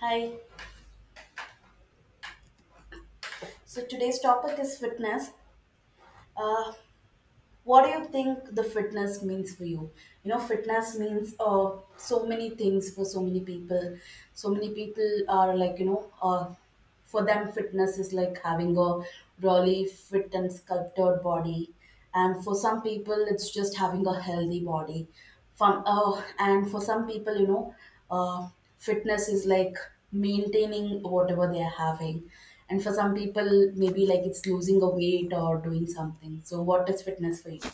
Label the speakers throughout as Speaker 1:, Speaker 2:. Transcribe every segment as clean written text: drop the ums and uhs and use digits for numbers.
Speaker 1: Hi. So today's topic is fitness. Uh, what do you think the fitness means for you? You know, fitness means so many things for so many people. So many people are like, for them, fitness is like having a really fit and sculpted body. And for some people, it's just having a healthy body. And for some people, uh, fitness is like maintaining whatever they are having. And for some people, maybe like it's losing a weight or doing something. So, what is fitness for you?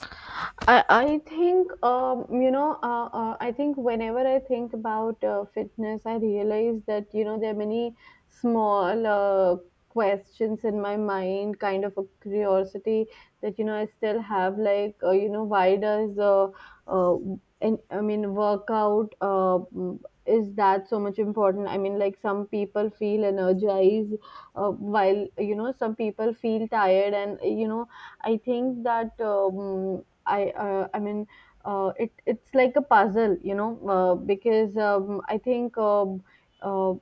Speaker 2: I think, I think whenever I think about fitness, I realize that you know there are many small questions in my mind, kind of a curiosity that you know I still have, like you know, why does uh, and I mean workout, is that so much important? I mean, like, some people feel energized, while you know some people feel tired, and you know, I think that. I mean it's like a puzzle, you know, because I think, uh,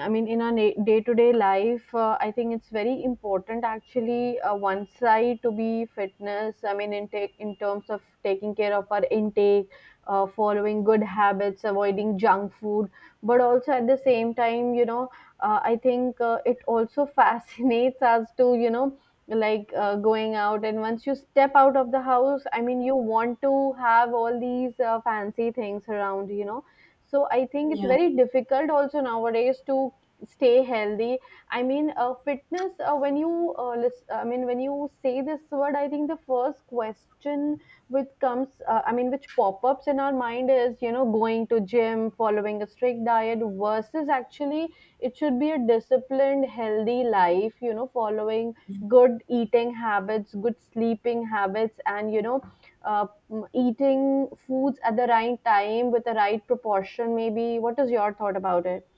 Speaker 2: I mean, in our day to day life, I think it's very important, actually, one side to be fitness. I mean, in terms of taking care of our intake, following good habits, avoiding junk food, but also at the same time, you know, I think it also fascinates us to you know, like going out. And once you step out of the house, I mean, you want to have all these fancy things around, you know. So I think it's
Speaker 1: Yeah.
Speaker 2: very difficult also nowadays to stay healthy. I mean, fitness, when you I mean, when you say this word, I think the first question which comes, I mean, which pop ups in our mind, is you know, going to gym, following a strict diet, versus actually it should be a disciplined healthy life, you know, following good eating habits, good sleeping habits, and eating foods at the right time with the right proportion. Maybe what is your thought about it?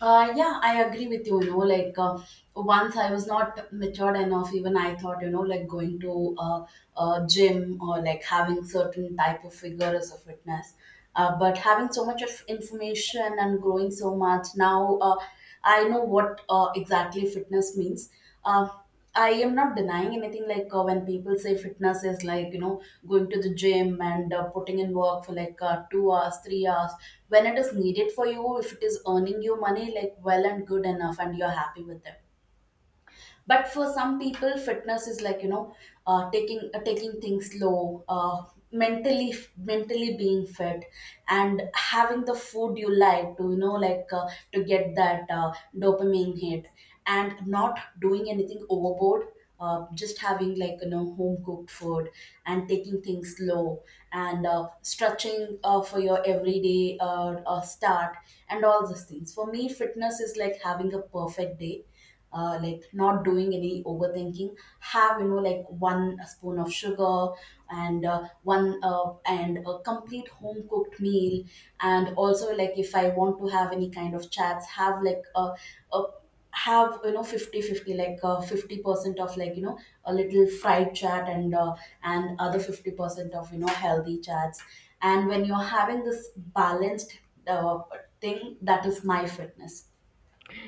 Speaker 1: Yeah, I agree with you. You know, like once I was not matured enough, even I thought, going to a gym or like having certain type of figure as a fitness. But having so much of information and growing so much now, I know what exactly fitness means. Uh, I am not denying anything like when people say fitness is like going to the gym and putting in work for like 2 hours, 3 hours. When it is needed for you, if it is earning you money, like well and good enough, and you're happy with it, but for some people fitness is like taking taking things slow, mentally being fit, and having the food you like to, to get that dopamine hit, and not doing anything overboard, just having like home cooked food, and taking things slow, and stretching for your everyday start, and all those things. For me fitness is like having a perfect day, like not doing any overthinking, have one spoon of sugar, and one and a complete home cooked meal, and also like if I want to have any kind of chats, have like a have 50 fifty, like 50% of, a little fried chat, and other 50% of, healthy chats. And when you're having this balanced, uh, thing, that is my fitness.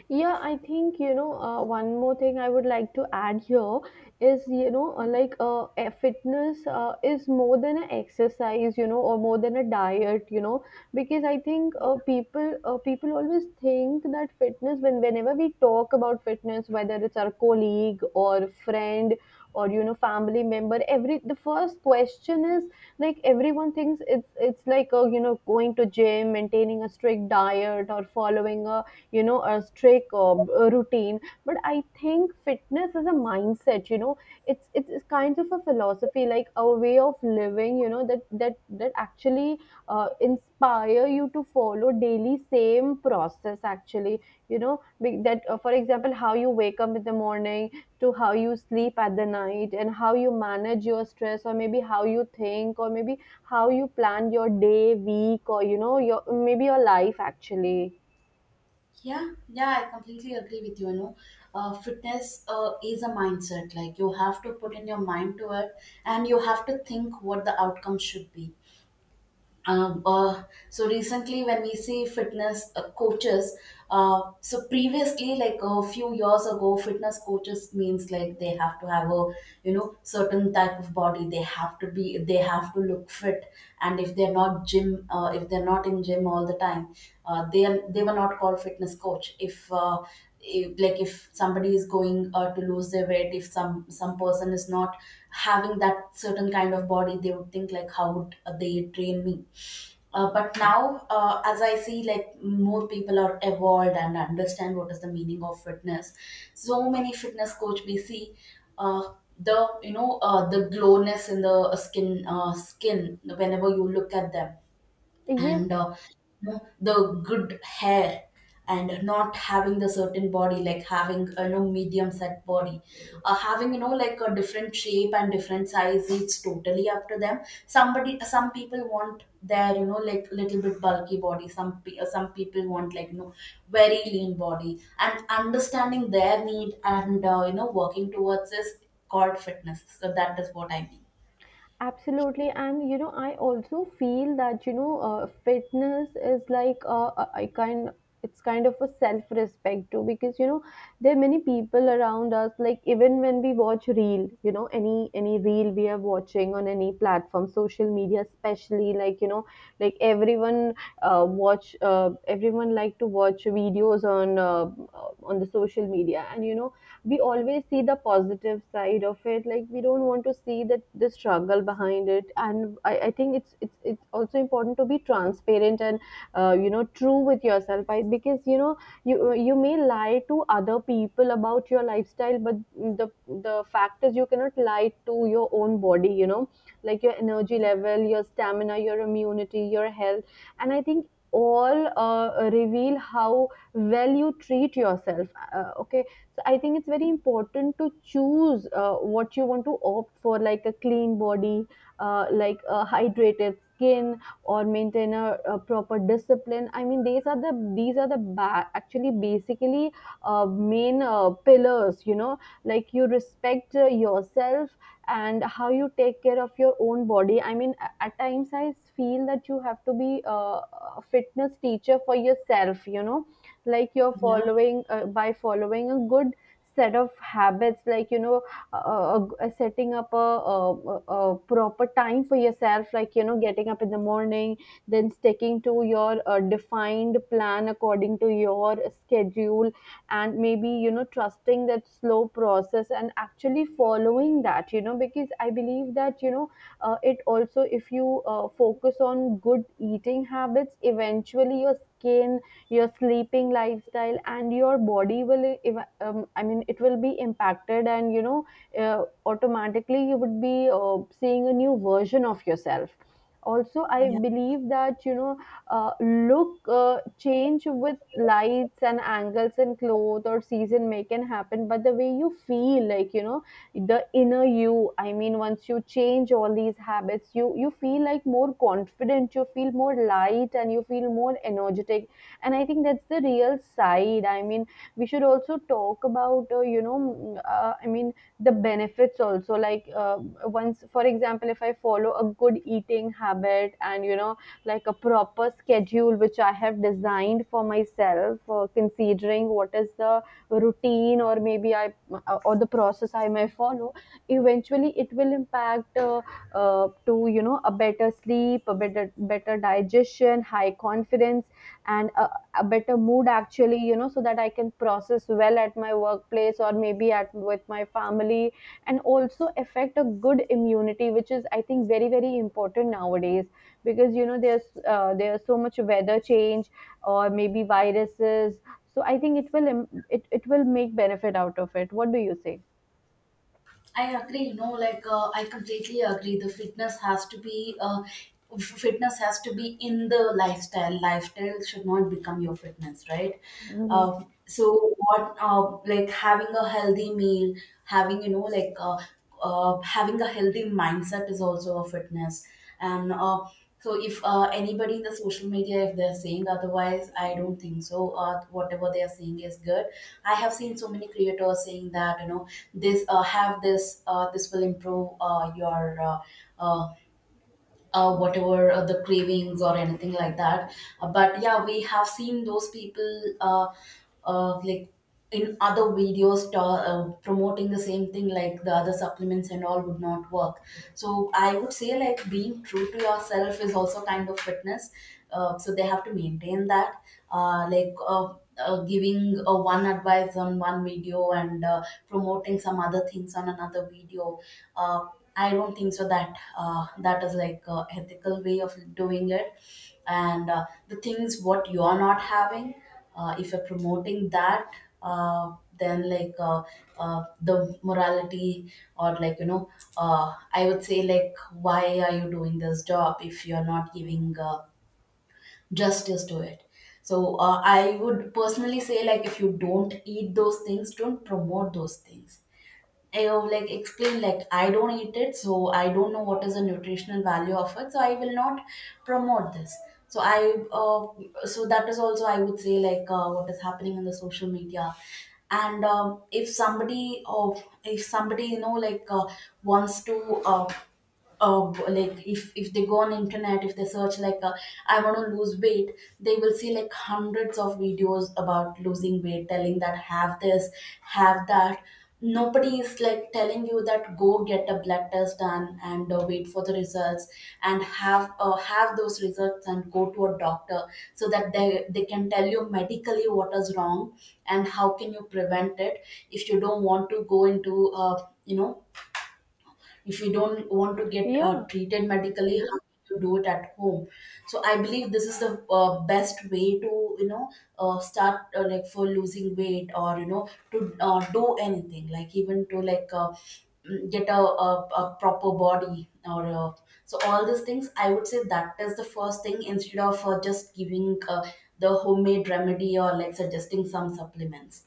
Speaker 2: Yeah, I think, you know, one more thing I would like to add here is, you know, like a fitness is more than an exercise, you know, or more than a diet, you know, because I think, people always think that fitness, whenever we talk about fitness, whether it's our colleague or friend or, you know, family member, every the first question is, like everyone thinks it's like, you know, going to gym, maintaining a strict diet, or following a, you know, a strict or a routine. But I think fitness is a mindset, you know. It's kind of a philosophy, like a way of living, you know, that actually inspire you to follow daily same process actually, you know be- that for example, how you wake up in the morning to how you sleep at the night, and how you manage your stress, or maybe how you think, or maybe how you plan your day, week, or you know, your, maybe your life actually.
Speaker 1: Yeah, yeah, I completely agree with you. You know, fitness is a mindset. Like you have to put in your mind to it, and you have to think what the outcome should be. Um, uh, so recently, when we see fitness coaches, so previously, like a few years ago, fitness coaches means like they have to have a, certain type of body. They have to be, they have to look fit, and if they're not if they're not in gym all the time, they are, they were not called fitness coach. If like if somebody is going to lose their weight, if some person is not having that certain kind of body, they would think like, how would they train me? But now, as I see, like more people are evolved and understand what is the meaning of fitness. So many fitness coach we see, the you know the glowness in the skin, skin whenever you look at them,
Speaker 2: Yes.
Speaker 1: and the good hair, and not having the certain body, like having medium set body, having like a different shape and different size. It's totally up to them. Somebody, some people want their, little bit bulky body. Some people want, very lean body, and understanding their need and, working towards this called fitness. So that is what I mean.
Speaker 2: Absolutely, and you know, I also feel that, you know, fitness is like, a- I kind it's kind of a self-respect too, because you know there are many people around us. Like even when we watch reel, you know, any reel we are watching on any platform, social media especially, like, you know, like everyone, watch everyone like to watch videos on, on the social media, and you know, we always see the positive side of it, like we don't want to see that the struggle behind it. And I think it's, it's also important to be transparent and, you know, true with yourself. I, because you know, you may lie to other people about your lifestyle, but the fact is you cannot lie to your own body, you know, like your energy level, your stamina, your immunity, your health. And I think all, reveal how well you treat yourself. Okay. So I think it's very important to choose, what you want to opt for, like a clean body, like a hydrated skin, or maintain a proper discipline. I mean, these are the actually, basically, uh, main pillars, you know, like you respect, yourself, and how you take care of your own body. I mean, at times I feel that you have to be, a fitness teacher for yourself, you know, like you're
Speaker 1: Yeah,
Speaker 2: following, by following a good set of habits, like, you know, setting up a proper time for yourself, like, you know, getting up in the morning, then sticking to your, defined plan according to your schedule, and maybe, you know, trusting that slow process and actually following that, you know, because I believe that, you know, it also, if you, focus on good eating habits, eventually your skin, your sleeping lifestyle, and your body will I mean, it will be impacted. And you know, automatically, you would be, seeing a new version of yourself. Also, I
Speaker 1: yeah.
Speaker 2: believe that, you know, look change with lights and angles and clothes or season may can happen, but the way you feel, like, you know, the inner you. I mean, once you change all these habits, you feel like more confident, you feel more light, and you feel more energetic. And I think that's the real side. I mean, we should also talk about, I mean, the benefits also, like, once, for example, if I follow a good eating habit, and, you know, like a proper schedule which I have designed for myself, considering what is the routine, or maybe I, or the process I may follow, eventually it will impact, to you know, a better sleep, a better digestion, high confidence, and a better mood, actually, you know, so that I can process well at my workplace, or maybe at with my family. And also affect a good immunity, which is, I think, very very important nowadays, because you know, there's, there's so much weather change, or maybe viruses. So I think it will it will make benefit out of it. What do you say?
Speaker 1: I agree. You know, I completely agree. The fitness has to be fitness has to be in the lifestyle. Lifestyle should not become your fitness, right?
Speaker 2: Hmm.
Speaker 1: So what, like having a healthy meal, having, having a healthy mindset is also a fitness. And so if anybody in the social media, if they're saying otherwise, I don't think so whatever they are saying is good. I have seen so many creators saying that, this, have this, this will improve your, uh, uh, whatever the cravings or anything like that. But yeah, we have seen those people, uh, like in other videos promoting the same thing, like the other supplements and all would not work. So I would say like being true to yourself is also kind of fitness. So they have to maintain that. Giving one advice on one video and promoting some other things on another video. Uh, I don't think so that that is like a ethical way of doing it. And the things what you are not having, if you're promoting that, uh, then like uh, the morality, or I would say like, why are you doing this job if you're not giving justice to it? So I would personally say like, if you don't eat those things, don't promote those things. I will like explain, like I don't eat it, so I don't know what is the nutritional value of it, so I will not promote this. So that is also I would say, like what is happening in the social media. And if somebody, or if somebody wants to. Uh, like if they go on internet, if they search like, I want to lose weight, they will see like hundreds of videos about losing weight telling that, have this, have that. Nobody is like telling you that, go get a blood test done and wait for the results, and have those results, and go to a doctor, so that they can tell you medically what is wrong and how can you prevent it. If you don't want to go into, you know if you don't want to get
Speaker 2: Yeah.
Speaker 1: treated medically, how can you do it at home? So I believe this is the best way to, you know start, like for losing weight, or you know, to do anything, like even to like, get a, a proper body, or so all these things I would say that is the first thing, instead of just giving the homemade remedy, or like suggesting some supplements.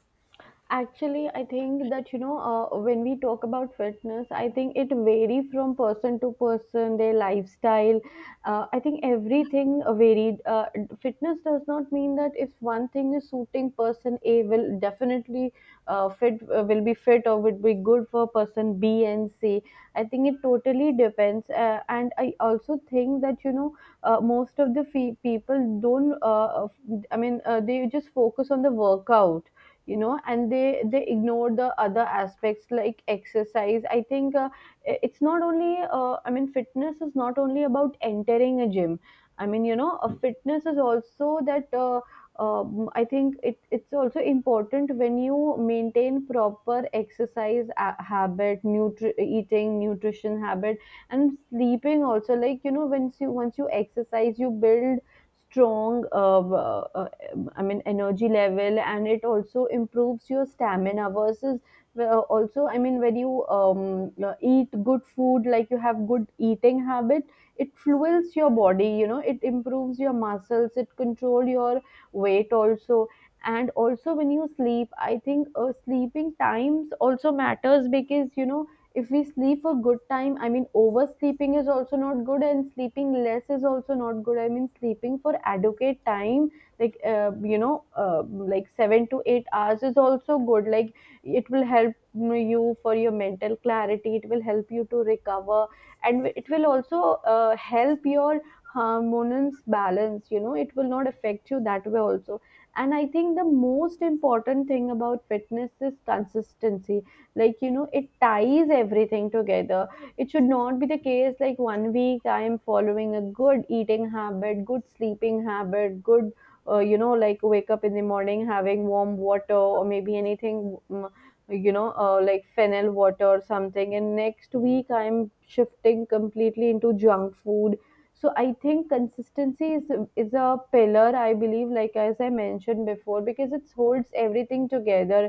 Speaker 2: Actually, I think that, you know, when we talk about fitness, I think it varies from person to person, their lifestyle. I think everything varied. Fitness does not mean that if one thing is suiting person A, will definitely, fit will be fit or would be good for person B and C. I think it totally depends, and I also think that, you know, most of the people don't. I mean, they just focus on the workout, you know, and they ignore the other aspects like exercise. I think, it's not only, I mean, fitness is not only about entering a gym. I mean, you know, a fitness is also that, I think it's also important when you maintain proper exercise, habit, eating, nutrition habit, and sleeping also. Like, you know, once you exercise, you build strong, I mean, energy level, and it also improves your stamina, versus, also, I mean, when you, eat good food, like you have good eating habit, it fuels your body. You know, it improves your muscles, it control your weight also. And also when you sleep, I think, sleeping times also matters, because you know, if we sleep for good time, I mean, oversleeping is also not good, and sleeping less is also not good. I mean, sleeping for adequate time, like, like 7 to 8 hours is also good. Like, it will help you for your mental clarity, it will help you to recover, and it will also, help your hormones balance, you know. It will not affect you that way also. And I think the most important thing about fitness is consistency, like, you know, it ties everything together. It should not be the case like 1 week I am following a good eating habit, good sleeping habit, good, you know, like wake up in the morning having warm water, or maybe anything, you know, like fennel water or something, and next week I'm shifting completely into junk food. So I think consistency is a pillar, I believe, like as I mentioned before, because it holds everything together.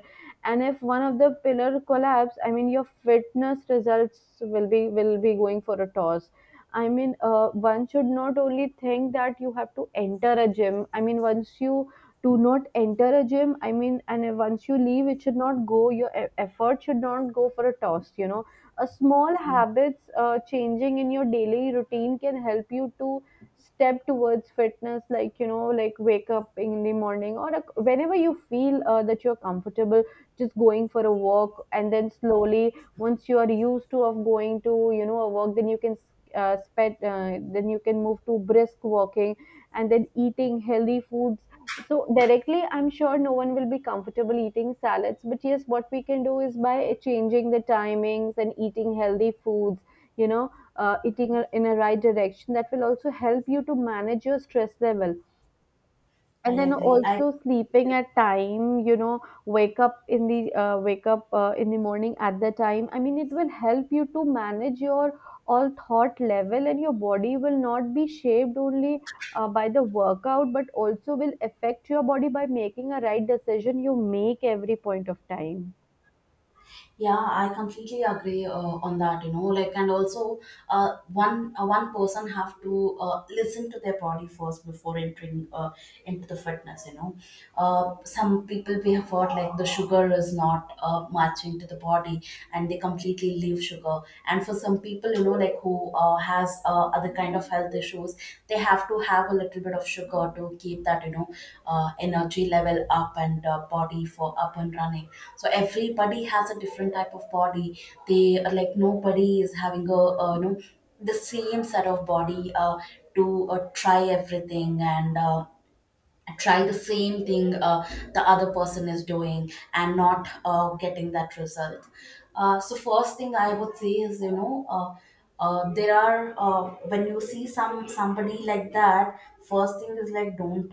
Speaker 2: And if one of the pillar collapse, I mean, your fitness results will be, going for a toss. I mean, one should not only think that you have to enter a gym. I mean, once you do not enter a gym, I mean, and once you leave, it should not go, your effort should not go for a toss, you know. A small
Speaker 1: Yeah,
Speaker 2: habits changing in your daily routine can help you to step towards fitness, like, you know, like wake up in the morning or whenever you feel that you're comfortable, just going for a walk. And then slowly, once you are used to of going to, you know, a walk, then you can then you can move to brisk walking and then eating healthy foods. So directly, I'm sure no one will be comfortable eating salads, but yes, what we can do is by changing the timings and eating healthy foods, you know, eating in a right direction, that will also help you to manage your stress level.
Speaker 1: I
Speaker 2: And then
Speaker 1: agree, I.
Speaker 2: also sleeping at time, you know, wake up in the wake up in the morning at the time, I mean it will help you to manage your all thought level. And your body will not be shaped only by the workout, but also will affect your body by making a right decision you make every point of time.
Speaker 1: Yeah, I completely agree on that. You know, like, and also, one person have to listen to their body first before entering into the fitness. You know, some people we have heard like the sugar is not matching to the body, and they completely leave sugar. And for some people, who has other kind of health issues, they have to have a little bit of sugar to keep that, energy level up, and body for up and running. So everybody has a different type of body. They are like nobody is having a, the same set of body, to try everything, and try the same thing the other person is doing, and not getting that result. So first thing I would say is, there are, when you see some somebody like that, first thing is like, don't,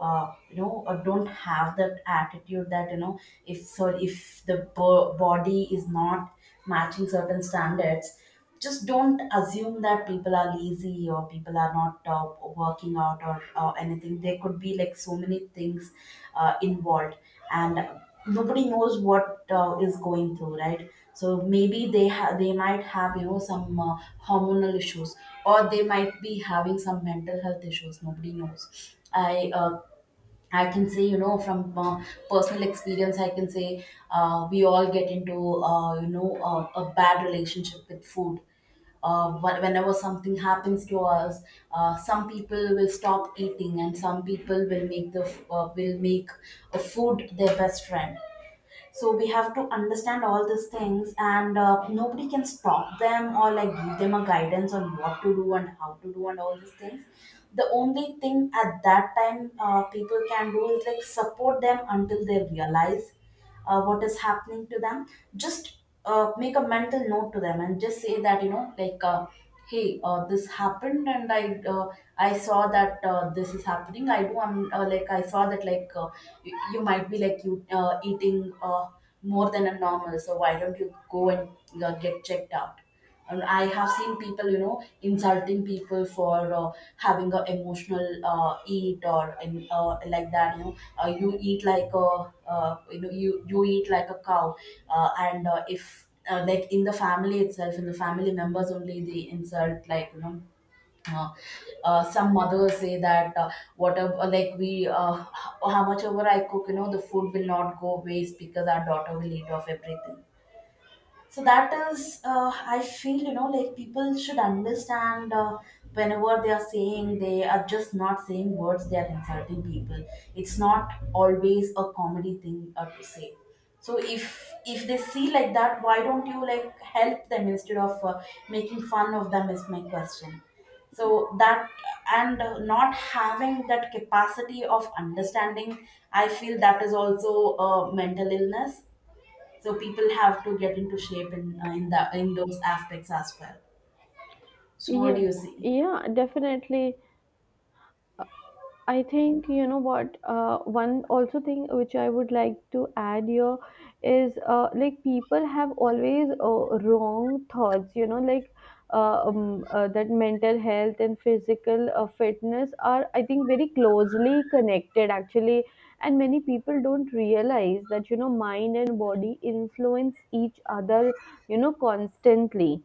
Speaker 1: don't have that attitude that, you know, if so if the body is not matching certain standards, just don't assume that people are lazy, or people are not working out, or anything. There could be like so many things involved, and nobody knows what is going through, right? So maybe they they might have, you know, some hormonal issues, or they might be having some mental health issues. Nobody knows. i uh, I can say, you know, from personal experience, I can say, we all get into a bad relationship with food. Whenever something happens to us, some people will stop eating, and some people will make will make a food their best friend. So we have to understand all these things, and nobody can stop them or like give them a guidance on what to do and how to do and all these things. The only thing at that time people can do is like support them until they realize what is happening to them. Just make a mental note to them and just say that, you know, like hey, this happened. And uh, I saw that this is happening. I'm like I saw that, like, you might be like you eating more than a normal, so why don't you go and get checked out. And I have seen people, you know, insulting people for having a emotional eat or, and like that, you know, you eat like a you know, you eat like a cow. Uh, and uh, if uh, like in the family itself, in the family members only, they insult like, you know. Uh, some mothers say that, whatever, like we how much ever I cook, you know, the food will not go waste because our daughter will eat off everything. So that is I feel, you know, like people should understand whenever they are saying, they are just not saying words, they are insulting people. It's not always a comedy thing to say. So if they see like that, why don't you like help them instead of making fun of them is my question. So that, and not having that capacity of understanding, I feel that is also a mental illness. So people have to get into shape in the in those aspects as well. So what do
Speaker 2: Yeah,
Speaker 1: you see?
Speaker 2: yeah, definitely. I think, you know what, one also thing which I would like to add here is like people have always wrong thoughts, you know, like that mental health and physical fitness are, I think, very closely connected actually. And many people don't realize that, you know, mind and body influence each other, you know, constantly.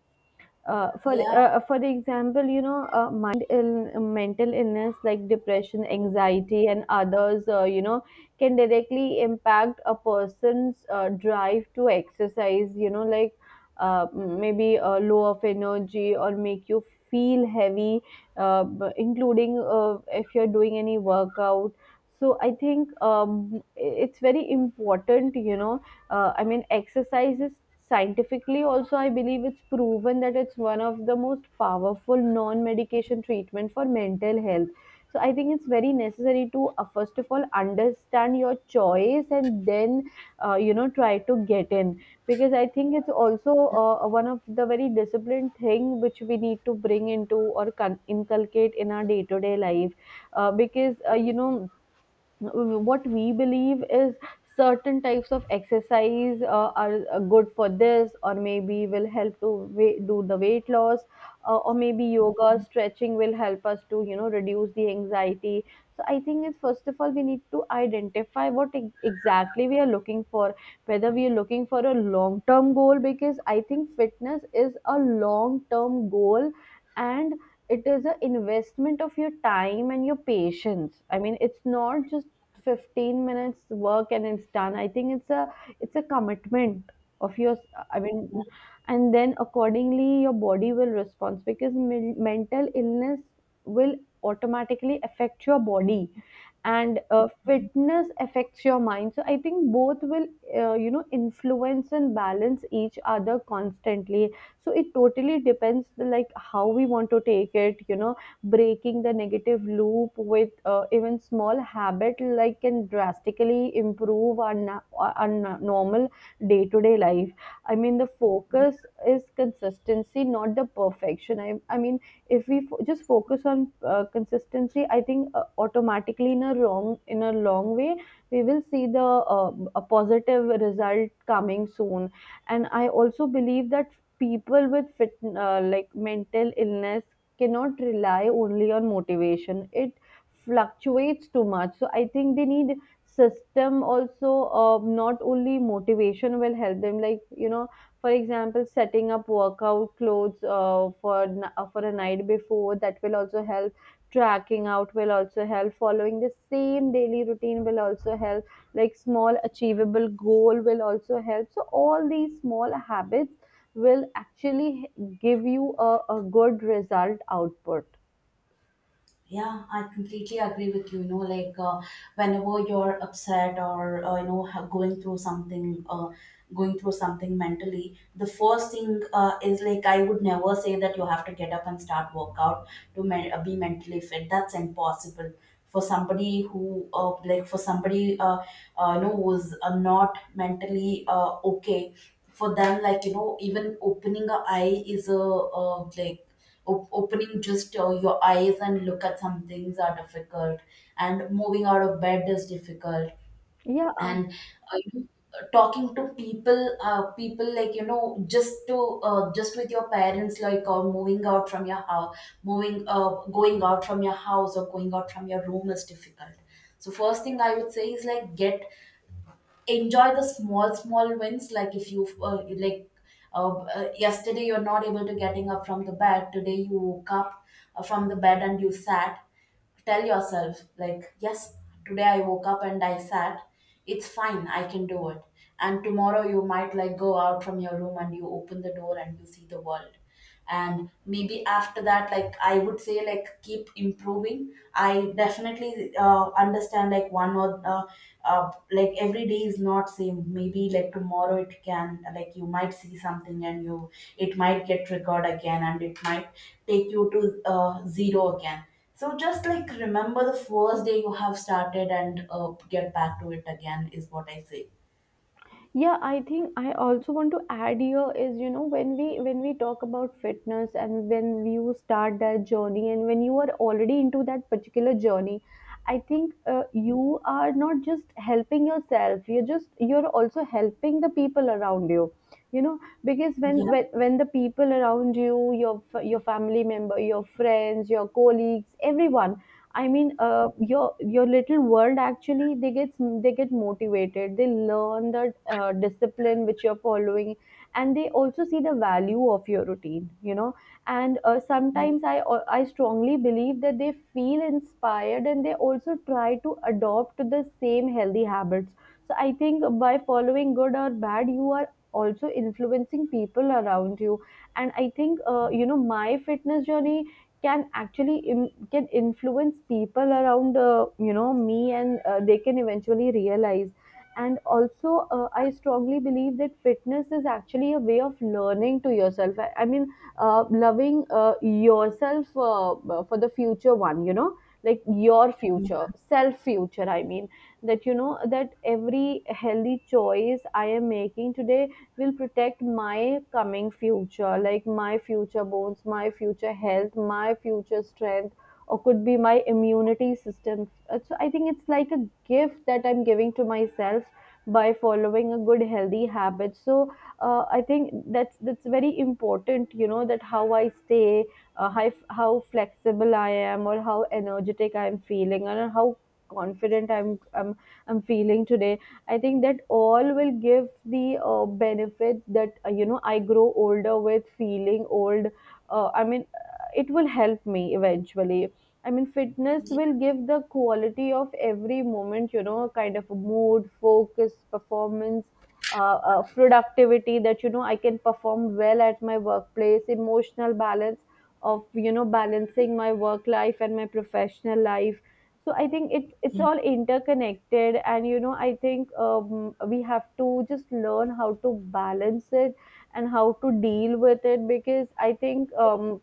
Speaker 1: Yeah.
Speaker 2: For example, you know, mental illness like depression, anxiety, and others, you know, can directly impact a person's drive to exercise. You know, like maybe low of energy, or make you feel heavy, including if you're doing any workout. So I think, it's very important, you know, I mean exercise is scientifically also, I believe it's proven that it's one of the most powerful non medication treatment for mental health. So I think it's very necessary to first of all understand your choice, and then you know, try to get in. Because I think it's also one of the very disciplined thing which we need to bring into or inculcate in our day to day life, because you know, what we believe is certain types of exercise are good for this, or maybe will help to weight, do the weight loss, or maybe yoga stretching will help us to, you know, reduce the anxiety. So I think it's first of all we need to identify what exactly we are looking for, whether we are looking for a long term goal, because I think fitness is a long term goal. And it is an investment of your time and your patience. I mean, it's not just 15 minutes work and it's done. I think it's a, it's a commitment of yours. I mean, and then accordingly your body will respond, because mental illness will automatically affect your body, and fitness affects your mind. So I think both will you know, influence and balance each other constantly. So it totally depends like how we want to take it, you know. Breaking the negative loop with even small habit like can drastically improve our normal day-to-day life. I mean, the focus is consistency, not the perfection. I mean, if we just focus on consistency, I think automatically in a wrong, in a long way, we will see the a positive result coming soon. And I also believe that people with like mental illness cannot rely only on motivation. It fluctuates too much, so I think they need system also. Not only motivation will help them, like, you know, for example, setting up workout clothes for a night before, that will also help. Tracking out will also help. Following the same daily routine will also help. Like small achievable goal will also help. So all these small habits will actually give you a good result output.
Speaker 1: Yeah, I completely agree with you. You know, like whenever you're upset or you know going through something mentally, the first thing is like I would never say that you have to get up and start workout to be mentally fit. That's impossible for somebody who like for somebody you know who's not mentally okay. For them, like you know, even opening a eye is a like opening just your eyes and look at some things are difficult, and moving out of bed is difficult.
Speaker 2: Yeah,
Speaker 1: and uh, you- Talking to people people, like you know, just to just with your parents, like, or moving out from your house, moving going out from your house or going out from your room is difficult. So first thing I would say is like get, enjoy the small small wins. Like if you like yesterday you're not able to getting up from the bed, today you woke up from the bed and you sat, tell yourself like yes, today I woke up and I sat, it's fine, I can do it. And tomorrow you might like go out from your room, and you open the door and you see the world. And maybe after that, like I would say, like keep improving. I definitely understand, like one or like every day is not same. Maybe like tomorrow it can like you might see something and you, it might get triggered again, and it might take you to zero again. So just like remember the first day you have started, and get back to it again is what I say.
Speaker 2: yeah, I think I also want to add here is, you know, when we, when we talk about fitness and when you start that journey and when you are already into that particular journey, I think you are not just helping yourself, you're just, you're also helping the people around you. You know, because when
Speaker 1: Yeah,
Speaker 2: when when the people around you, your your family member, your friends, your colleagues, everyone, I mean, your little world actually, they get motivated. They learn the discipline which you're following, and they also see the value of your routine. You know, and
Speaker 1: yeah,
Speaker 2: sometimes I strongly believe that they feel inspired, and they also try to adopt the same healthy habits. So I think by following good or bad, you are also influencing people around you. And I think you know, my fitness journey can actually can influence people around, you know, me, and they can eventually realize. And also I strongly believe that fitness is actually a way of learning to yourself. I mean, loving yourself for the future one, you know, like your
Speaker 1: yeah.
Speaker 2: future self, future, I mean. That, you know, that every healthy choice I am making today will protect my coming future, like my future bones, my future health, my future strength, or could be my immunity system. So I think it's like a gift that I'm giving to myself by following a good healthy habit. So I think that's very important, you know, that how I stay, how flexible I am, or how energetic I'm feeling, and how confident I'm feeling today. I think that all will give the benefit that, you know, I grow older with feeling old. I mean, it will help me eventually. I mean, fitness will give the quality of every moment, you know, kind of mood, focus, performance, productivity, that, you know, I can perform well at my workplace, emotional balance of, you know, balancing my work life and my professional life. So I think it's all interconnected, and you know, I think, we have to just learn how to balance it and how to deal with it. Because I think, um,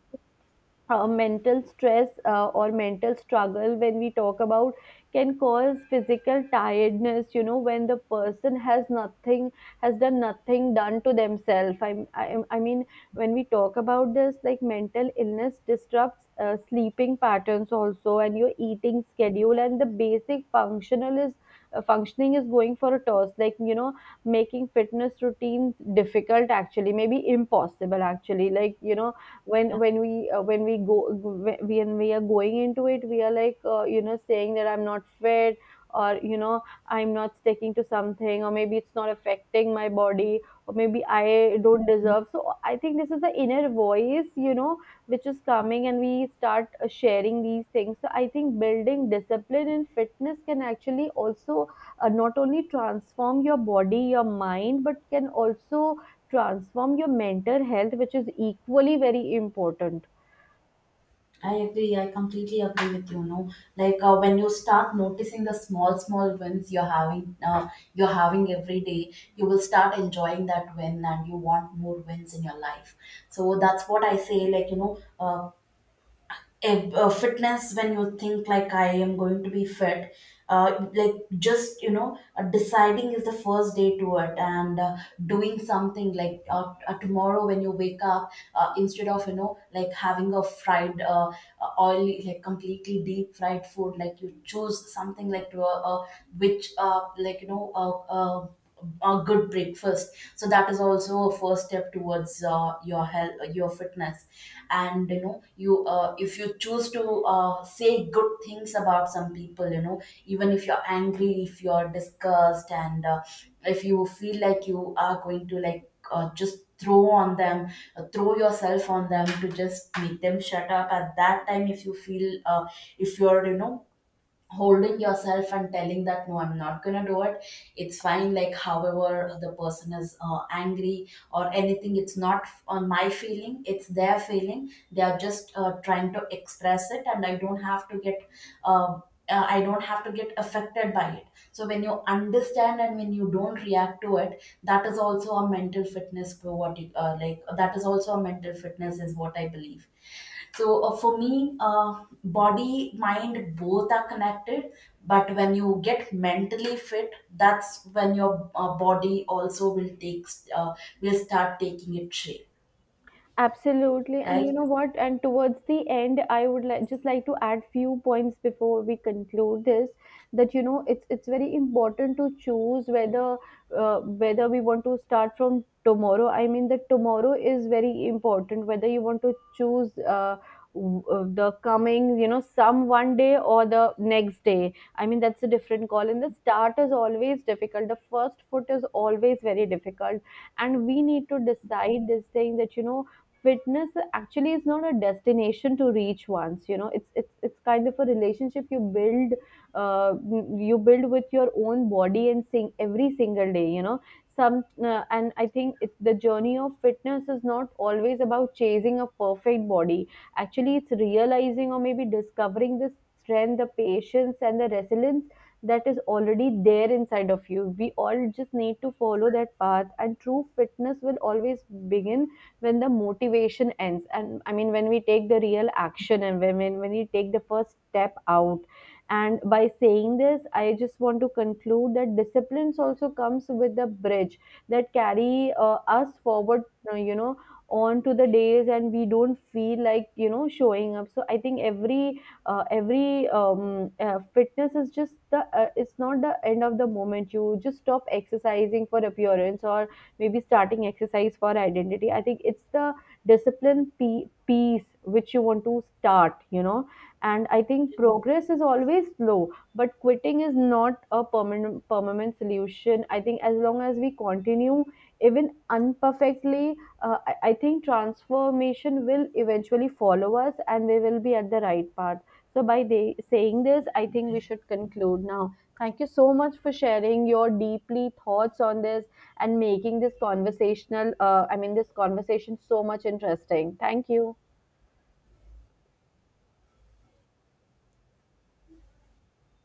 Speaker 2: uh, mental stress or mental struggle, when we talk about, can cause physical tiredness, you know, when the person has nothing, has done nothing done to themselves. I mean, when we talk about this, like mental illness disrupts sleeping patterns also, and your eating schedule, and the basic functional is, functioning is going for a toss, like, you know, making fitness routines difficult, actually maybe impossible actually, like, you know. When when we go when we are going into it, we are like, you know, saying that I'm not fit, or you know, I'm not sticking to something, or maybe it's not affecting my body, or maybe I don't deserve. So I think this is the inner voice, you know, which is coming, and we start sharing these things. So I think building discipline in fitness can actually also not only transform your body, your mind, but can also transform your mental health, which is equally very important.
Speaker 1: I agree. I completely agree with you. No, like when you start noticing the small, small wins you're having every day, you will start enjoying that win, and you want more wins in your life. So that's what I say. Like you know, if, fitness, when you think like I am going to be fit, like just you know deciding is the first day to it. And doing something like tomorrow when you wake up, instead of you know like having a fried oily, like completely deep fried food, like you choose something like to, which like you know a good breakfast. So that is also a first step towards your health, your fitness. And you know you if you choose to say good things about some people, you know, even if you're angry, if you're disgust, and if you feel like you are going to like just throw on them, throw yourself on them to just make them shut up, at that time if you feel if you're you know holding yourself and telling that no, I'm not going to do it, it's fine. Like however the person is angry or anything, it's not on my feeling, it's their feeling, they are just trying to express it, and I don't have to get uh, I don't have to get affected by it. So when you understand and when you don't react to it, that is also a mental fitness for what you like that is also a mental fitness is what I believe. So for me, body, mind, both are connected. But when you get mentally fit, that's when your body also will take uh, will start taking its shape,
Speaker 2: Absolutely. And you know
Speaker 1: right?
Speaker 2: what? And towards the end, I would like just like to add few points before we conclude this, that you know, it's very important to choose whether whether we want to start from tomorrow. I mean, that tomorrow is very important, whether you want to choose the coming, you know, some one day or the next day. I mean, that's a different call. And the start is always difficult. The first foot is always very difficult, and we need to decide this thing that, you know, fitness actually is not a destination to reach once, you know, it's kind of a relationship you build, uh, you build with your own body and sing every single day, you know, some, and I think it, the journey of fitness is not always about chasing a perfect body, actually it's realizing, or maybe discovering the strength, the patience, and the resilience that is already there inside of you. We all just need to follow that path, and true fitness will always begin when the motivation ends. And I mean, when we take the real action, and when we take the first step out. And by saying this, I just want to conclude that disciplines also comes with a bridge that carry us forward, you know, on to the days, and we don't feel like, you know, showing up. So I think every fitness is just the it's not the end of the moment. You just stop exercising for appearance, or maybe starting exercise for identity. I think it's the discipline piece which you want to start, you know. And I think progress is always slow, but quitting is not a permanent solution. I think as long as we continue, even unperfectly, I think transformation will eventually follow us, and we will be at the right path. So by saying this, I think we should conclude now. Thank you so much for sharing your deeply thoughts on this, and making this conversational, I mean, this conversation so much interesting. Thank you.